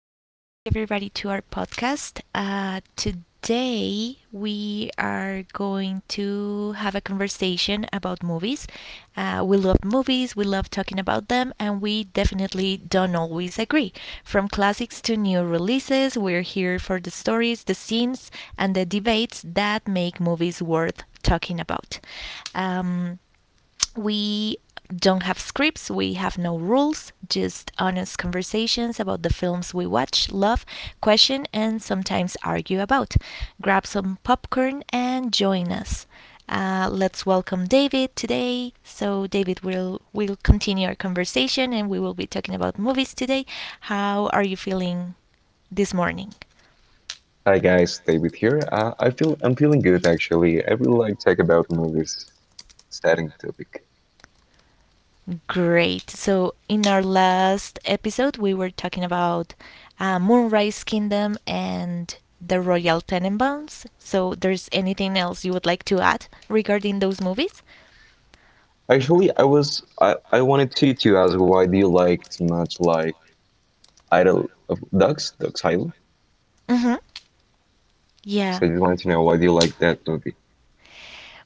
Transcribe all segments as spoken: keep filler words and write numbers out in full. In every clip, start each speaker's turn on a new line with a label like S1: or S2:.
S1: Welcome back, everybody, to our podcast. Uh, today, we are going to have a conversation about movies. Uh, we love movies, we love talking about them, and we definitely don't always agree. From classics to new releases, we're here for the stories, the scenes, and the debates that make movies worth talking about. Um, we don't have scripts, we have no rules, just honest conversations about the films we watch, love, question, and sometimes argue about. Grab some popcorn and join us. Uh, let's welcome David today. So David will will continue our conversation, and we will be talking about movies today. How are you feeling this morning?
S2: Hi guys, David here. Uh, I feel I'm feeling good actually. I really like to talk about movies. Setting topic.
S1: Great. So, in our last episode, we were talking about uh, Moonrise Kingdom and the Royal Tenenbaums. So, there's anything else you would like to add regarding those movies?
S2: Actually, I was I, I wanted to to ask why do you like too much like Idol of Ducks, Ducks Island?
S1: Hmm. Yeah.
S2: So I just wanted to know why do you like that movie?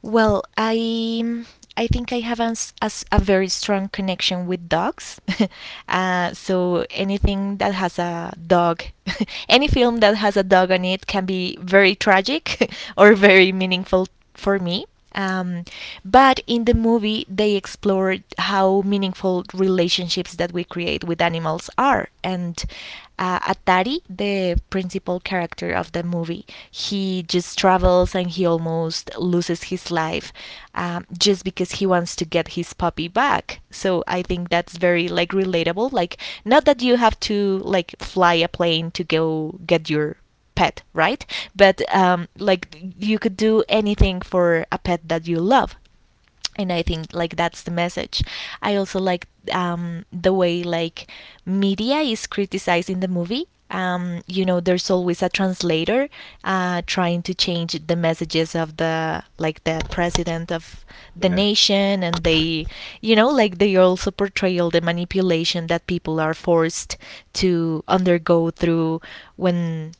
S1: Well, I I think I have as, as a very strong connection with dogs. uh, so anything that has a dog, any film that has a dog on it can be very tragic or very meaningful for me. Um, but in the movie, they explored how meaningful relationships that we create with animals are. And uh, Atari, the principal character of the movie, he just travels and he almost loses his life um, just because he wants to get his puppy back. So I think that's very like relatable. Like, not that you have to like fly a plane to go get your pet, right? But um, like you could do anything for a pet that you love. And I think like that's the message. I also like um, the way like media is criticized in the movie. Um, you know, there's always a translator uh, trying to change the messages of the like the president of the
S2: Yeah.
S1: nation, and they, you know, like they also portray all the manipulation that people are forced to undergo through when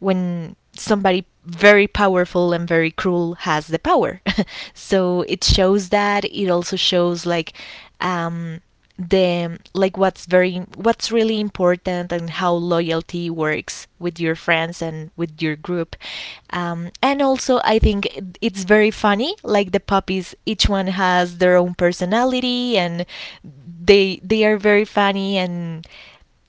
S1: when somebody very powerful and very cruel has the power. So it shows that. It also shows like um, the like what's very what's really important and how loyalty works with your friends and with your group. Um, and also, I think it's very funny. Like the puppies, each one has their own personality and they they are very funny and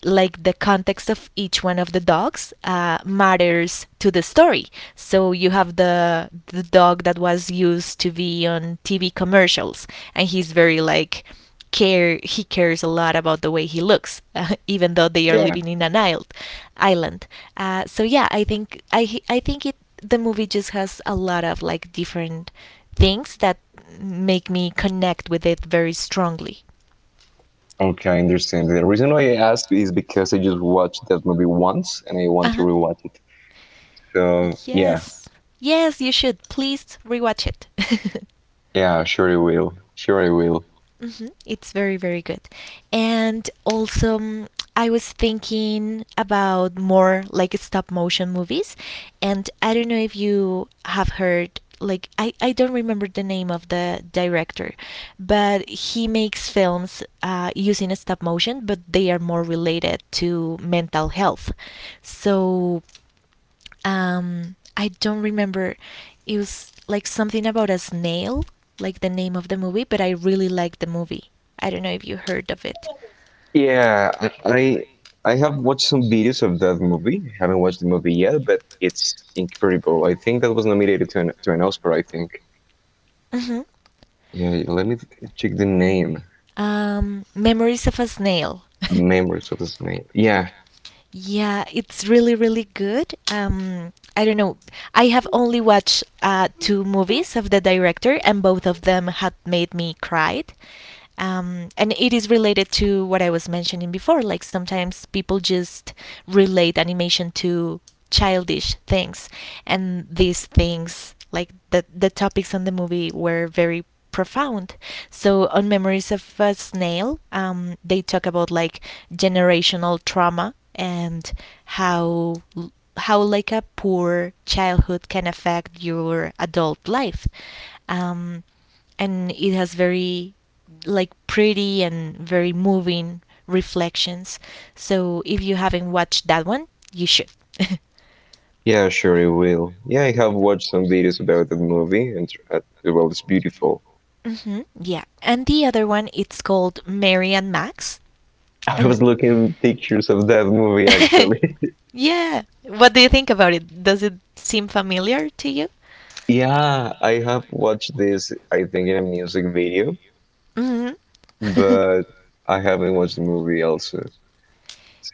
S1: like the context of each one of the dogs uh, matters to the story. So you have the the dog that was used to be on T V commercials, and he's very like care. He cares a lot about the way he looks, uh, even though they are
S2: Yeah.
S1: living in an island. Island. Uh, so yeah, I think I I think it the movie just has a lot of like different things that make me connect with it very strongly.
S2: Okay, I understand. The reason why I asked is because I just watched that movie once and I
S1: 啊
S2: want to
S1: 哈
S2: rewatch it. So yeah,
S1: Yes. Yes, you should. Please rewatch it.
S2: yeah, sure I will.
S1: Yeah,
S2: Sure I will.
S1: hmm, it's very, very good. And also, mm, I was thinking about more like stop motion movies. And I don't know if you have heard, like, I, I don't remember the name of the director, but he makes films uh, using stop motion, but they are more related to mental health. So um, I don't remember. It was like something about a snail, like the name of the movie, but I really liked the movie. I don't know if you heard of it.
S2: Yeah, I I I have watched some videos of that movie. I haven't watched the movie yet, but it's incredible. I think that was nominated to an to an Oscar, I think.
S1: Hmm.
S2: Yeah, yeah, let me th- check the name.
S1: Um, Memories of a Snail.
S2: Memories of this name. Yeah,
S1: Yeah, yeah, it's really, really good. Um, I don't know. I have only watched uh, two movies of the director, and both of them had made me cry. Um, and it is related to what I was mentioning before. Like sometimes people just relate animation to childish things, and these things, like the the topics on the movie, were very profound. So on Memories of a Snail, um, they talk about like generational trauma and how how like a poor childhood can affect your adult life. Um, and it has very like pretty and very moving reflections. So if you haven't watched that one, you should.
S2: yeah, sure, it will. Yeah, I have watched some videos about that movie, and tr- uh, well, it's beautiful.
S1: Hmm, yeah. And the other one, it's called Mary and Max.
S2: I
S1: And
S2: was looking pictures of that movie actually.
S1: yeah, what do you think about it? Does it seem familiar to you?
S2: Yeah, I have watched this, I think, in a music video,
S1: Hmm.
S2: but I haven't watched the movie also.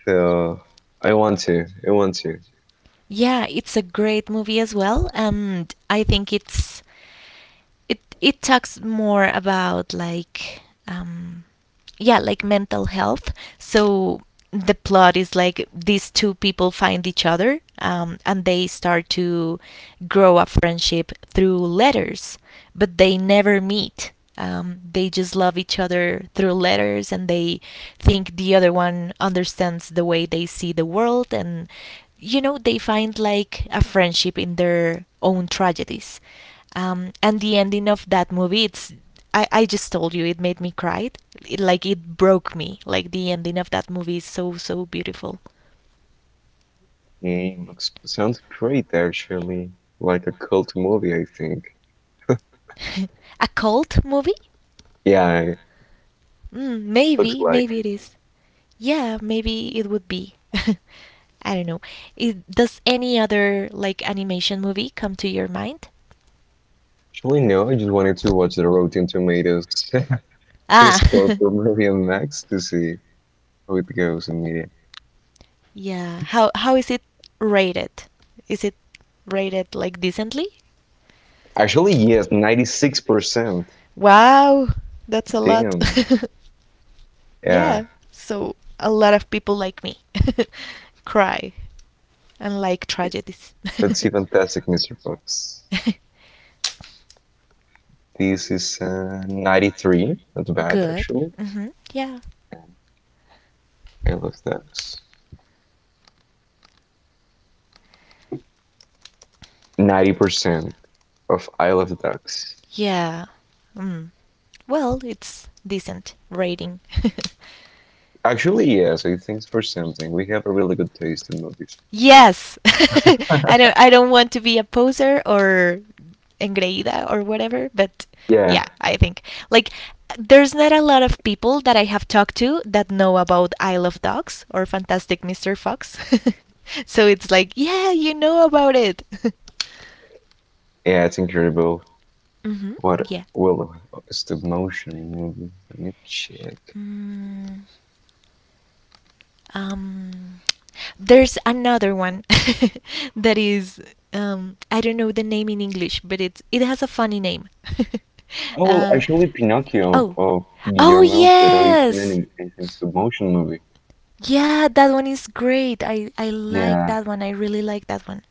S2: So I want to. I want to.
S1: Yeah, it's a great movie as well. And I think it's it it talks more about like um, yeah, like mental health. So the plot is like these two people find each other um, and they start to grow a friendship through letters, but they never meet. Um, they just love each other through letters and they think the other one understands the way they see the world and you know they find like a friendship in their own tragedies, um, and the ending of that movie, it's, I, I just told you it made me cry, it, like it broke me, like the ending of that movie is so so beautiful.
S2: Mm, looks sounds great actually. Like a cult movie, I think.
S1: A cult movie,
S2: Yeah, it
S1: mm,
S2: looks
S1: maybe
S2: like.
S1: maybe it is, yeah maybe it would be. I don't know, it, does any other like animation movie come to your mind?
S2: Actually, no. I just wanted to watch the Rotten Tomatoes. His
S1: Ah.
S2: score for movie on Max to see how it goes in media.
S1: Yeah. How how is it rated? Is it rated like decently?
S2: Actually, yes, ninety-six percent.
S1: Wow, that's a lot.
S2: Damn. Yeah,
S1: Yeah. So a lot of people like me cry and like tragedies.
S2: that's see, fantastic, mister Fox. This is uh, ninety-three. Not bad
S1: Good.
S2: actually.
S1: Hmm. Yeah.
S2: I love ducks. Ninety percent of I love ducks.
S1: Yeah. Mm. Well, it's decent rating.
S2: Actually, yes, I think for something. We have a really good taste in movies.
S1: Yes. I don't I don't want to be a poser or engreída or whatever, but
S2: Yeah,
S1: yeah, I think like there's not a lot of people that I have talked to that know about Isle of Dogs or Fantastic Mister Fox. So it's like, yeah, you know about it.
S2: yeah, it's incredible.
S1: Hmm.
S2: What,
S1: Yeah.
S2: well, it's the motion movie. Let me check.
S1: Mm. Um, there's another one that is um, I don't know the name in English, but it's it has a funny name.
S2: Oh, well,
S1: uh,
S2: actually, Pinocchio of,
S1: oh,
S2: of
S1: oh
S2: Guillermo del Toro is an
S1: yes,
S2: anim- is a stop motion movie.
S1: yeah, that one is great. I I like
S2: Yeah,
S1: that one. I really like that one.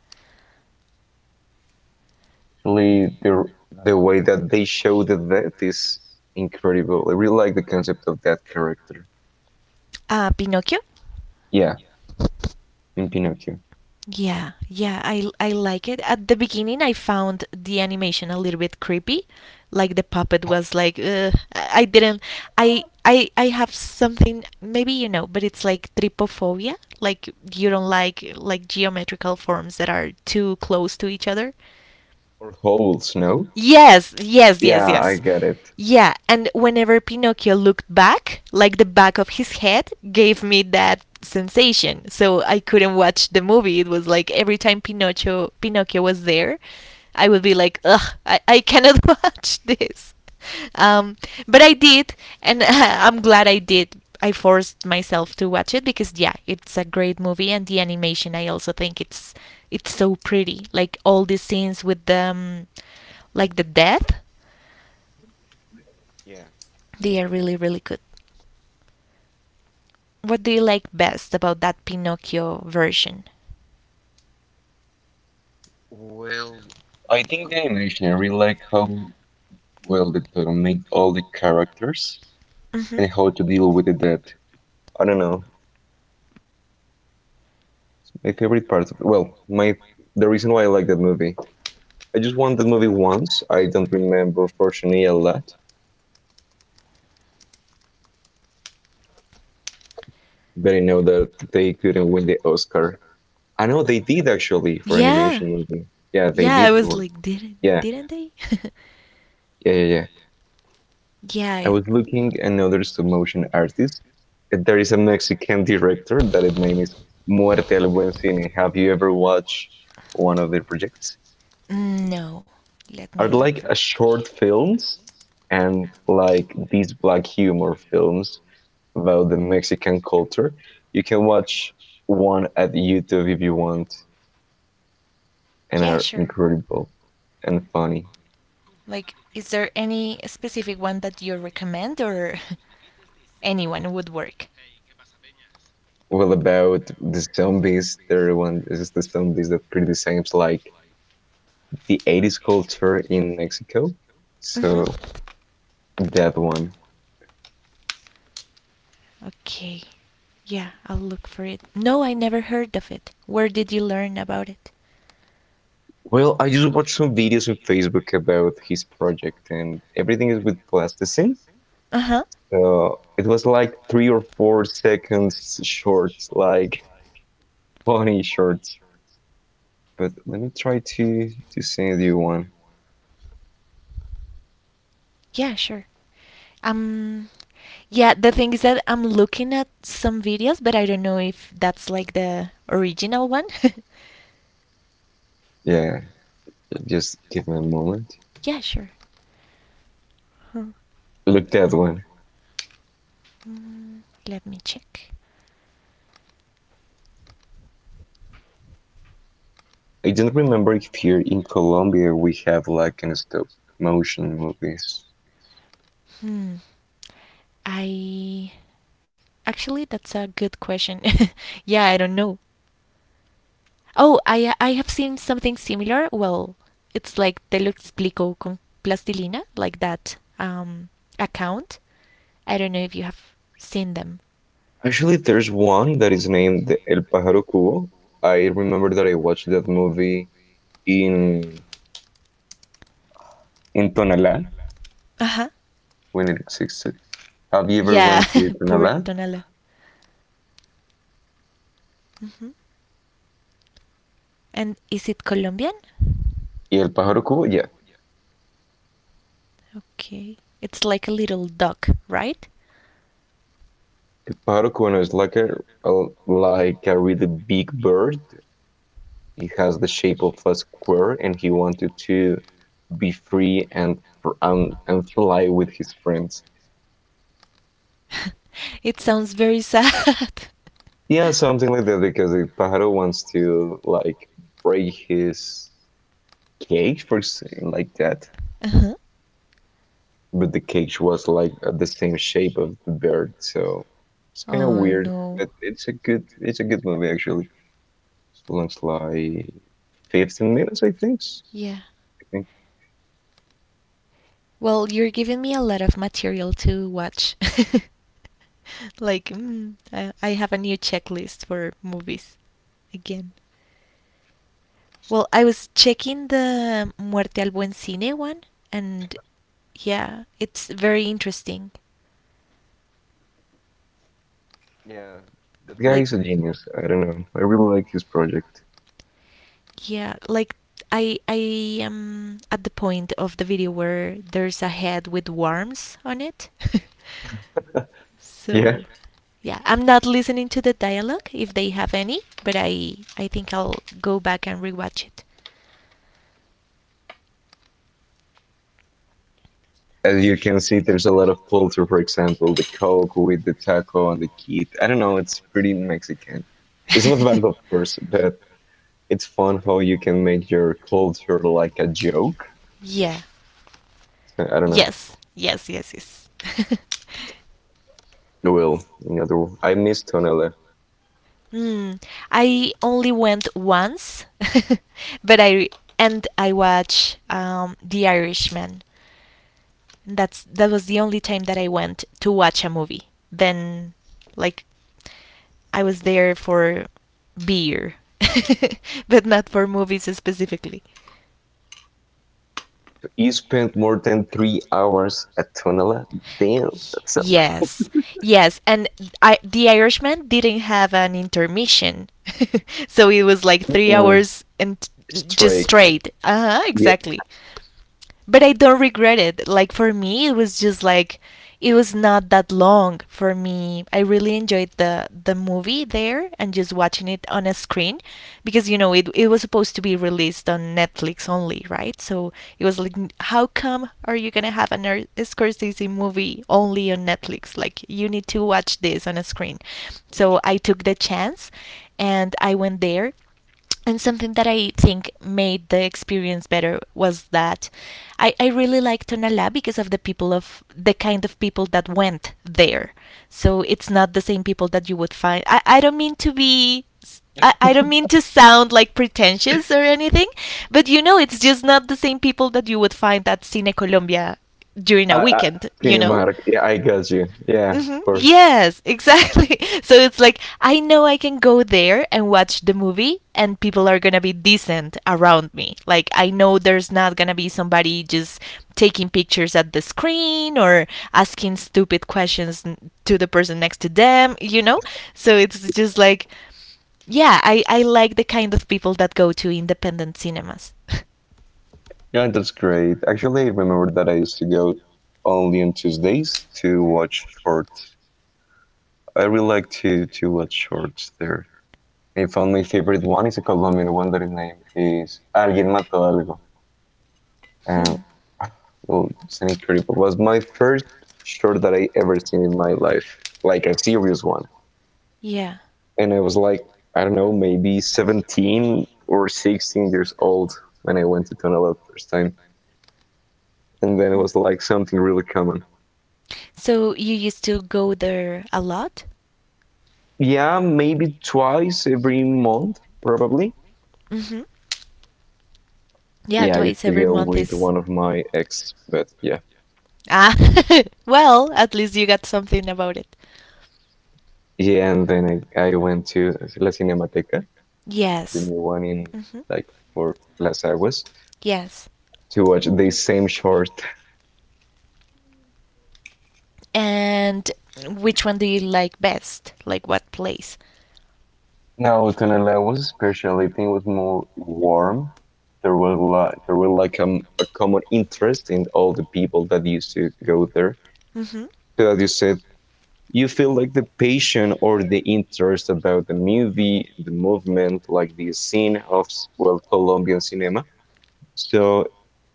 S2: actually, the the way that they show the death is incredible. I really like the concept of that character.
S1: Uh, Pinocchio.
S2: Yeah, in Pinocchio.
S1: Yeah, yeah, I I like it. At the beginning, I found the animation a little bit creepy, like the puppet was like, ugh. I I didn't, I I I have something maybe you know, but it's like trypophobia, like you don't like like geometrical forms that are too close to each other.
S2: Or holes, no?
S1: Yes, yes, yes,
S2: Yeah, I
S1: yes.
S2: get it.
S1: Yeah, and whenever Pinocchio looked back, like the back of his head gave me that sensation. So I couldn't watch the movie. It was like every time Pinocchio Pinocchio was there, I would be like, ugh, I, I cannot watch this. Um, but I did, and I'm glad I did. I forced myself to watch it because, yeah, it's a great movie, and the animation, I also think it's it's so pretty. Like all these scenes with them, like the death,
S2: Yeah.
S1: they are really, really good. What do you like best about that Pinocchio version?
S2: Well, I think the animation really like how well they donate all the characters
S1: Hmm.
S2: and how to deal with the death. I don't know. My favorite part of well, my the reason why I like that movie. I just watched that movie once. I don't remember fortunately a lot, but I know that they couldn't win the Oscar. I know they did actually for
S1: Yeah,
S2: animation movie. Yeah, they
S1: yeah. I
S2: did.
S1: was
S2: Win.
S1: like, didn't
S2: Yeah,
S1: didn't they?
S2: yeah, yeah, yeah.
S1: Yeah.
S2: I
S1: It-
S2: was looking another stop motion artist. eh, There is a Mexican director that his name is Muerte al Buen Cine. Have you ever watched one of their projects?
S1: no. Let me
S2: Are
S1: look
S2: like
S1: for.
S2: a short films and like these black humor films about the Mexican culture. You can watch one at YouTube if you want, and
S1: Yeah,
S2: are
S1: sure.
S2: incredible and funny.
S1: Like, is there any specific one that you recommend or anyone would work?
S2: Well, about the zombies, there one is the zombies that criticizes like the eighties culture in Mexico. So
S1: Hmm.
S2: that one.
S1: Okay. Yeah, I'll look for it. No, I never heard of it. Where did you learn about it?
S2: Well, I just watched some videos on Facebook about his project, and everything is with plasticine.
S1: Uh huh.
S2: So it was like three or four seconds short, like funny shorts. But let me try to to send you one.
S1: Yeah, sure. Um, yeah, the thing is that I'm looking at some videos, but I don't know if that's like the original one.
S2: Yeah, just give me a moment.
S1: Yeah, sure. Hmm.
S2: Look that one.
S1: Mm, let me check.
S2: I don't remember if here in Colombia we have like an stop motion movies.
S1: Hmm. I Actually, that's a good question. Yeah, I don't know. Oh, I I have seen something similar. Well, it's like Te lo explico con plastilina, like that um account. I don't know if you have seen them.
S2: Actually, there's one that is named El Pájaro Cubo. I remember that I watched that movie in in Tonalá
S1: Uh-huh.
S2: when it existed. Have you ever
S1: Yeah,
S2: went to
S1: poor
S2: Tonalá?
S1: Tonala. Hmm. And is it Colombian?
S2: Y El Pájaro Cubo? Yeah.
S1: Okay. It's like a little duck, right?
S2: El Pájaro Cubo is like a, a like a really big bird. It has the shape of a square, and he wanted to be free and fr- and, and fly with his friends.
S1: It sounds very sad.
S2: Yeah, something like that because the pájaro wants to like break his cage for saying like that,
S1: Uh-huh.
S2: but the cage was like uh, the same shape of the bird, so it's kind of
S1: Oh
S2: weird.
S1: no.
S2: But it's a good it's a good movie actually. It looks like fifteen minutes, I think. I
S1: Yeah.
S2: think.
S1: Well, you're giving me a lot of material to watch. Like, mm, I, I have a new checklist for movies again. Well, I was checking the Muerte al Buen Cine one, and yeah, it's very interesting.
S2: Yeah, that guy
S1: Like,
S2: is a genius. I don't know. I really like his project.
S1: yeah, like I I am at the point of the video where there's a head with worms on it.
S2: Yeah.
S1: So, yeah, I'm not listening to the dialogue if they have any, but I I think I'll go back and rewatch it.
S2: As you can see, there's a lot of culture. For example, the coke with the taco and the kid. I don't know. It's pretty Mexican. It's not bad, of course, but it's fun how you can make your culture like a joke.
S1: Yeah.
S2: I don't know.
S1: Yes. Yes, yes, yes.
S2: Well, another word. I miss Tonala.
S1: Mm, I only went once, but I and I watched um, The Irishman. That's that was the only time that I went to watch a movie. Then, like, I was there for beer, but not for movies specifically.
S2: You spent more than three hours at Tonala. Damn, that's a
S1: Yes, yes, and I, the Irishman didn't have an intermission, so it was like three
S2: fucking
S1: hours and t- just
S2: strike.
S1: straight. Uh huh,
S2: Yeah,
S1: exactly, but I don't regret it. Like for me, it was just like it was not that long for me. I really enjoyed the the movie there and just watching it on a screen because you know it it was supposed to be released on Netflix only, right? So it was like how come are you going to have an Er- Scorsese movie only on Netflix? Like you need to watch this on a screen. So I took the chance and I went there, and something that I think made the experience better was that I, I really liked Tonalá because of the people, of the kind of people that went there. So it's not the same people that you would find. I, I don't mean to be. I I I, I don't mean to sound like pretentious or anything, but you know, it's just not the same people that you would find at Cine Colombia during a
S2: I, I,
S1: weekend, you know?
S2: Cinemark. Yeah, I got you. Yeah,
S1: Mm-hmm.
S2: of course.
S1: Yes, exactly. So it's like, I know I can go there and watch the movie, and people are gonna be decent around me. Like, I know there's not gonna be somebody just taking pictures at the screen or asking stupid questions n- to the person next to them, you know? So it's just like, yeah, I, I like the kind of people that go to independent cinemas.
S2: Yeah, that's great. Actually, I remember that I used to go only on Tuesdays to watch shorts. I really like to to watch shorts there. I found my favorite one is a Colombian one that his name is Alguien Mató Algo. Um,
S1: Hmm.
S2: well, it's an incredible. Was my first short that I ever seen in my life, like a serious one.
S1: Yeah.
S2: And I was like, I don't know, maybe seventeen or sixteen years old when I went to Tonalá first time. And then it
S1: Mm.
S2: was like something really common.
S1: So you used to go there a lot?
S2: Yeah, maybe twice every month, probably.
S1: Hmm. Yeah,
S2: Yeah, I used
S1: twice
S2: to
S1: every
S2: go
S1: month
S2: with
S1: is.
S2: one of my ex, but yeah.
S1: Ah, well, at least you got something about it.
S2: Yeah, and then I, I went to La Cinemateca, the
S1: Yes.
S2: new one in
S1: Hmm.
S2: like for Las Aguas,
S1: Yes.
S2: to watch the same short.
S1: And which one do you like best? Like, what place?
S2: Now, Tonalaua's speciality was more warm. There was like, there were like um, a common interest in all the people that used to go there. So as you said, you feel like the passion or the interest about the movie, the movement, like the scene of well Colombian cinema. So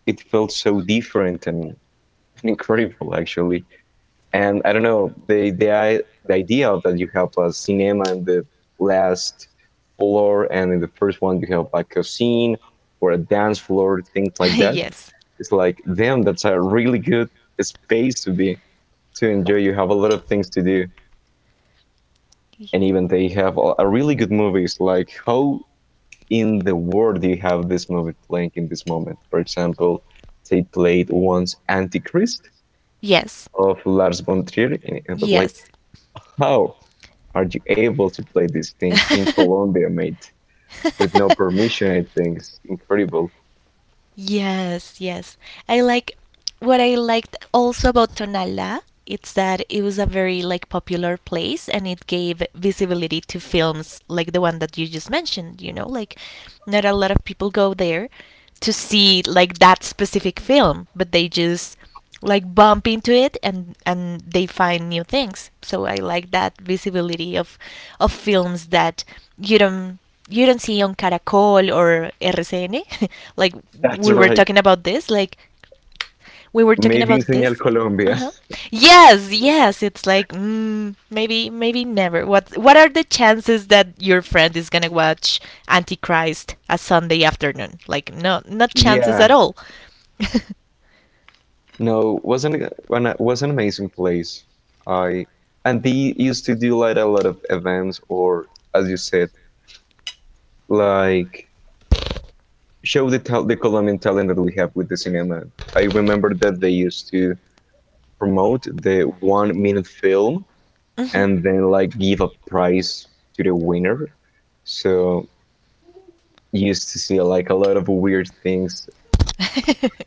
S2: it felt so different and incredible actually. And I don't know the the i- the idea that you have a cinema in the last floor and in the first one you have like a scene or a dance floor, things like
S1: Mm-hmm.
S2: that.
S1: Yes.
S2: It's like damn, that's a really good space to be to enjoy. You have a lot of things to do.
S1: Y-
S2: And even they have a, a really good movies. Like how in the world do you have this movie playing in this moment? For example, they played once Antichrist
S1: Yes.
S2: of Lars von Trier, and it was like
S1: Yes.
S2: how are you able to play this thing in Colombia, mate, with no permission? I think it's incredible.
S1: Yes, yes. I like, what I liked also about Tonala, it's that it was a very like popular place, and it gave visibility to films like the one that you just mentioned, you know, like not a lot of people go there to see like that specific film, but they just like bump into it and and they find new things. So I like that visibility of of films that you don't, you don't see on Caracol or RCN. Like
S2: That's
S1: we were
S2: right.
S1: talking about this like we were talking
S2: Maybe
S1: about
S2: in Señal
S1: this.
S2: Colombia.
S1: Uh-huh. Yes, yes, it's like mm, maybe maybe never. What what are the chances that your friend is gonna watch Antichrist a Sunday afternoon? Like, no, not chances
S2: Yeah.
S1: at all.
S2: No, wasn't was an amazing place. I and they used to do like a lot of events or, as you said, like show the tal- the Colombian talent that we have with the cinema. I remember that they used to promote the one minute film
S1: Hmm.
S2: and then like give a prize to the winner. So you used to see like a lot of weird things,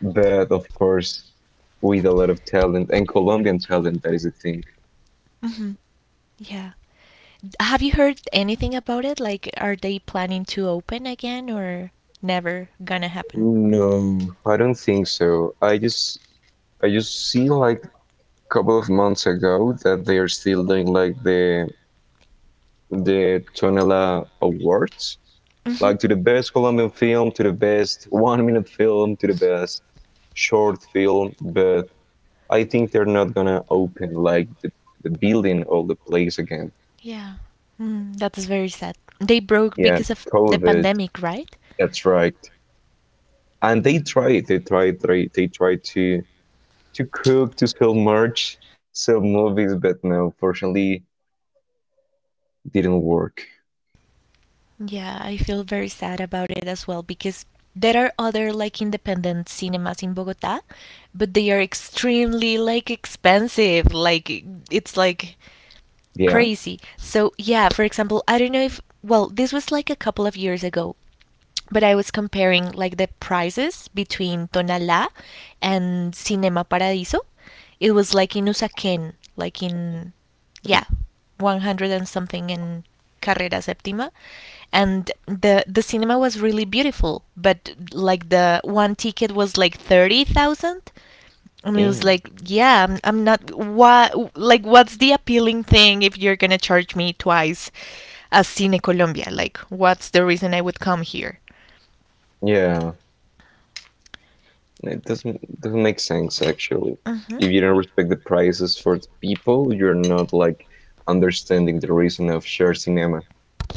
S2: but of course with a lot of talent and Colombian talent, that is the thing.
S1: Mhm. Yeah. D- Have you heard anything about it? Like, are they planning to open again or never gonna happen?
S2: No, I don't think so. I just I just see like a couple of months ago that they are still doing like the the Tonela Awards,
S1: Mm-hmm.
S2: like to the best Colombian film, to the best one minute film, to the best short film, but I think they're not gonna open like the, the building or the place again.
S1: Yeah. Mm, that is very sad. They broke
S2: Yeah,
S1: because of the
S2: COVID.
S1: pandemic, right?
S2: That's right. And they tried, they tried, they, they tried to to cook, to sell merch, sell movies, but no, fortunately, didn't work.
S1: Yeah, I feel very sad about it as well because there are other like independent cinemas in Bogota, but they are extremely like expensive. Like, it's like
S2: Yeah.
S1: crazy. So, yeah, for example, I don't know if, well, this was like a couple of years ago, but I was comparing like the prices between Tonalá and Cinema Paradiso. It was like in Usaquén, like in, yeah, one hundred and something in Carrera Séptima. And the, the cinema was really beautiful, but like the one ticket was like thirty thousand, and it was
S2: Damn.
S1: like, yeah, I'm, I'm not. What? Like, what's the appealing thing if you're gonna charge me twice as Cine Colombia? Like, what's the reason I would come here?
S2: Yeah. It doesn't doesn't make sense actually.
S1: Mm-hmm.
S2: If you don't respect the prices for the people, you're not like understanding the reason of shared cinema.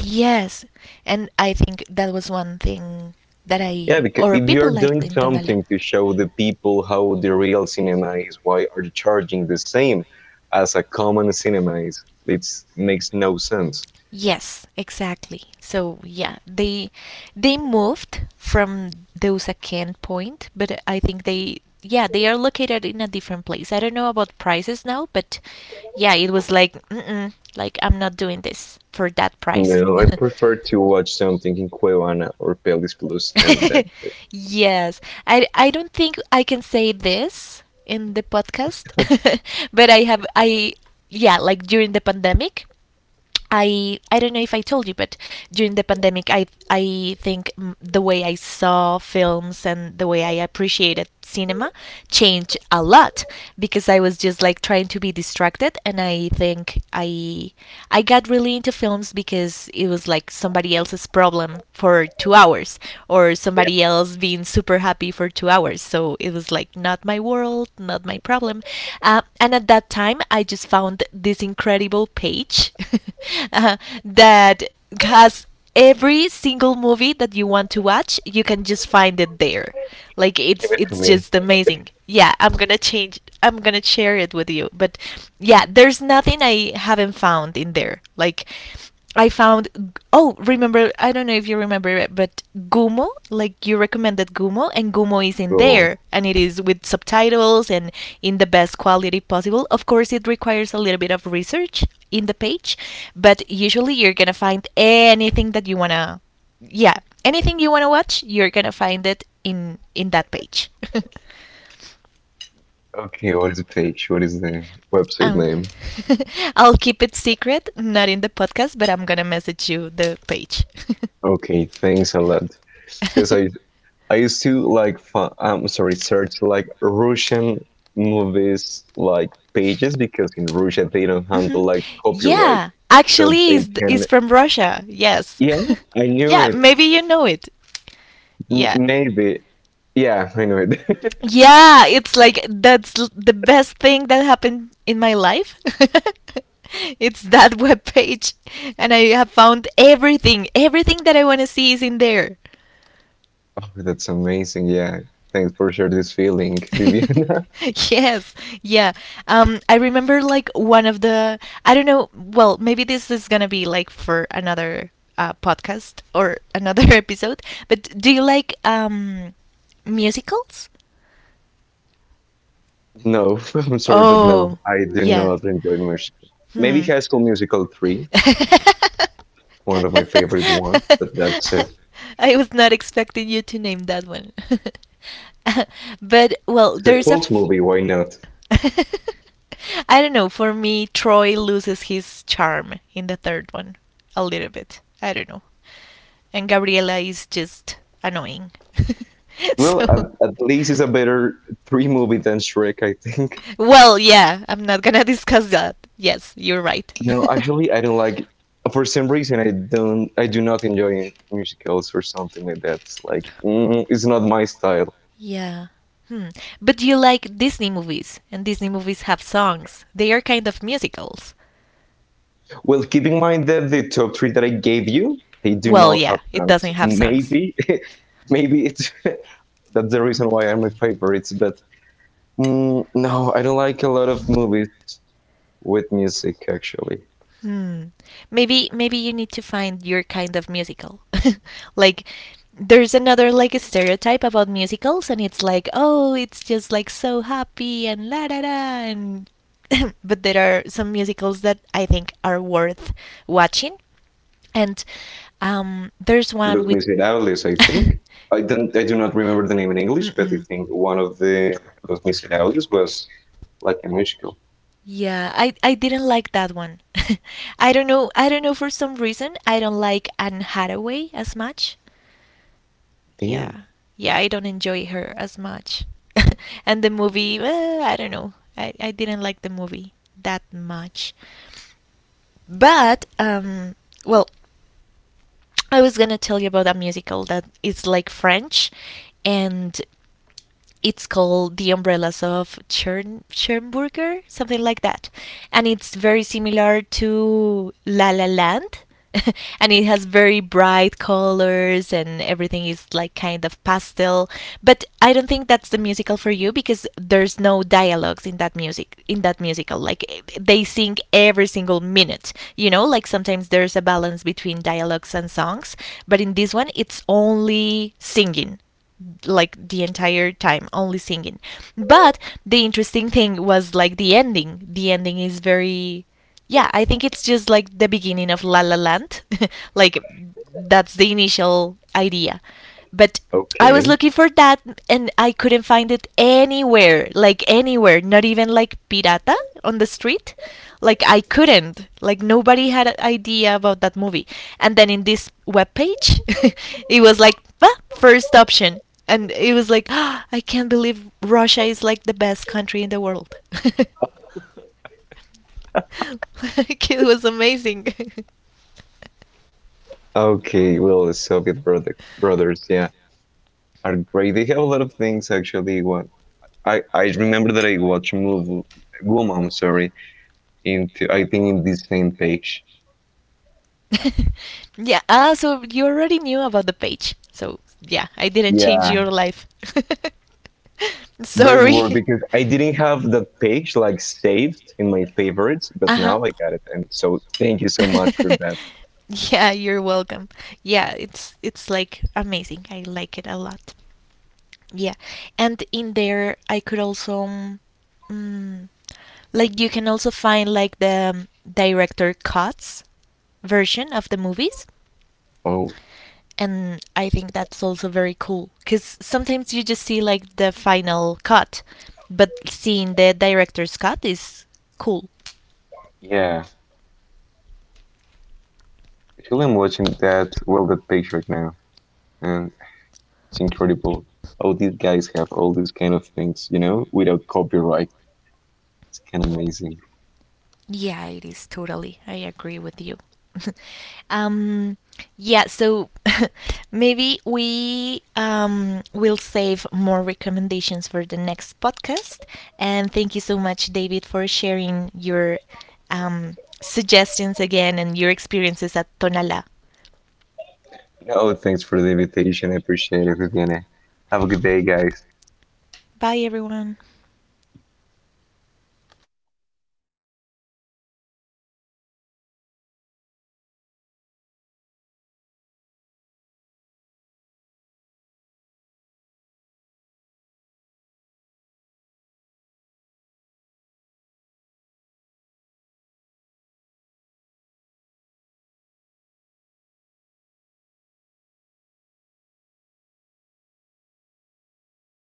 S1: Yes, and I think that was one thing that
S2: Yeah,
S1: I
S2: because
S1: or
S2: if you
S1: people
S2: are
S1: liked
S2: doing
S1: in Tonala.
S2: something to show the people how the real cinema is, why are you charging the same as a common cinema is? It makes no sense.
S1: Yes, exactly. So yeah, they they moved from those account point, but I think they, yeah, they are located in a different place. I don't know about prices now, but yeah, it was like mm-mm, like I'm not doing this for that price.
S2: No, I prefer to watch something in Cuevana or Pelis Plus, and that.
S1: Yes, I I don't think I can say this in the podcast, but I have I yeah like during the pandemic I I don't know if I told you, but during the pandemic, I I think mm, the way I saw films and the way I appreciated cinema changed a lot because I was just like trying to be distracted, and I think I I got really into films because it was like somebody else's problem for two hours or somebody else being super happy for two hours. So so it was like not my world, not my problem. Uh, and at that time, I just found this incredible page. uh, that has every single movie that you want to watch. You can just find it there. Like,
S2: Give
S1: it's
S2: it to
S1: it's
S2: me.
S1: just amazing. Yeah, i'm gonna change i'm gonna share it with you, but yeah, there's nothing I haven't found in there. Like, I found, oh, remember, I don't know if you remember it, but Gumo, like you recommended Gumo, and Gumo is in
S2: Go on.
S1: there, and it is with subtitles and in the best quality possible. Of course, it requires a little bit of research in the page, but usually you're going to find anything that you want to yeah, anything you want to watch, you're going to find it in in that page.
S2: Okay, what is the page? What is the website
S1: Um,
S2: name?
S1: I'll keep it secret, not in the podcast, but I'm gonna message you the page.
S2: Okay, thanks a lot. Because I I used to like fi- I'm sorry, search like Russian movies like pages because in Russia they don't handle
S1: Mhm.
S2: like copyright,
S1: Yeah,
S2: so
S1: actually,
S2: they
S1: is
S2: can.
S1: is from Russia. Yes.
S2: Yeah, I knew
S1: Yeah,
S2: it.
S1: maybe you know it.
S2: M-
S1: Yeah.
S2: Maybe. Yeah, I knew it.
S1: Yeah, it's like that's l- the best thing that happened in my life. It's that web page, and I have found everything. Everything that I want to see is in there.
S2: Oh, that's amazing. Yeah. Thanks for sharing this feeling, Viviana.
S1: Yes. Yeah. Um, I remember like one of the, I don't know, well, maybe this is gonna be like for another uh, podcast or another episode, but do you like um musicals?
S2: No, I'm sorry, but no,
S1: Oh,
S2: I do
S1: yeah.
S2: not enjoy musical. Maybe
S1: Hmm.
S2: High School Musical three, one of my favorite ones, but that's it.
S1: I was not expecting you to name that one. But, well,
S2: It's a
S1: there's a.
S2: cult
S1: F-
S2: movie, why not?
S1: I don't know. For me, Troy loses his charm in the third one a little bit. I don't know. And Gabriela is just annoying.
S2: Well,
S1: So,
S2: at, at least it's a better three movie than Shrek, I think.
S1: well, yeah, I'm not gonna discuss that. Yes, you're right.
S2: No, actually, I don't like, for some reason, I don't, I do not enjoy musicals or something like that. It's like, mm, it's not my style.
S1: Yeah. Hmm. But you like Disney movies, and Disney movies have songs. They are kind of musicals.
S2: Well, keep in mind that the top three that I gave you, they do
S1: Well,
S2: not
S1: yeah,
S2: have
S1: it
S2: tanks.
S1: doesn't have songs.
S2: Maybe, maybe it's that's the reason why I'm my favorites. But mm, no, I don't like a lot of movies with music. Actually,
S1: Hmm. Maybe maybe you need to find your kind of musical. Like, there's another like stereotype about musicals, and it's like, "Oh, it's just like so happy and la da da." And but there are some musicals that I think are worth watching. And um there's one
S2: Los
S1: with
S2: Miserables, I think. I don't. I do not remember the name in English, but I
S1: Mm-mm.
S2: think one of the Los Miserables was like a musical.
S1: Yeah, I, I didn't like that one. I don't know, I don't know, for some reason I don't like Anne Hathaway as much.
S2: Damn.
S1: Yeah. Yeah, I don't enjoy her as much. And the movie, eh, I don't know. I, I didn't like the movie that much. But um well, I was gonna tell you about a musical that is like French, and it's called The Umbrellas of Chern- Schönburger, something like that. And it's very similar to La La Land. And it has very bright colors and everything is like kind of pastel, but I don't think that's the musical for you because there's no dialogues in that music in that musical. Like, they sing every single minute, you know. Like, sometimes there's a balance between dialogues and songs, but in this one, it's only singing, like the entire time, only singing. But the interesting thing was like the ending. The ending is very, yeah, I think it's just like the beginning of La La Land. Like, that's the initial idea. But I was
S2: Okay.
S1: looking for that, and I couldn't find it anywhere, like anywhere, not even like pirata on the street. Like, I couldn't, like nobody had an idea about that movie. And then in this web page it was like, ah, first option. And it was like, oh, I can't believe Russia is like the best country in the world. Like, it was amazing.
S2: Okay, well, the Soviet brothers, brothers, yeah, are great. They have a lot of things actually. What I I remember that I watched a movie, Woman, sorry, into I think in this same page.
S1: Yeah. Ah, so you already knew about the page. So yeah, I didn't change
S2: Yeah,
S1: your life.
S2: but it worked
S1: Sorry.
S2: because I didn't have that page like saved in my favorites, but
S1: Uh
S2: now I got it. And so thank you so much for
S1: huh.
S2: that.
S1: Yeah, you're welcome. Yeah, it's it's like amazing. I like it a lot. Yeah, and in there I could also um, mm, like you can also find like the um, director cuts version of the movies.
S2: Oh,
S1: And I think that's also very cool because sometimes you just see like the final cut, but seeing the director's cut is cool.
S2: yeah. Actually, I'm watching that, well, that page right now. And it's incredible. Oh, these guys have all these kind of things, you know, without copyright. It's kind of amazing.
S1: Yeah, it is totally. I agree with you. um, yeah, so maybe we um, will save more recommendations for the next podcast. And thank you so much, David, for sharing your um, suggestions again and your experiences at Tonala.
S2: Oh, thanks for the invitation. I appreciate it, Viviana. Have a good day, guys.
S1: Bye, everyone.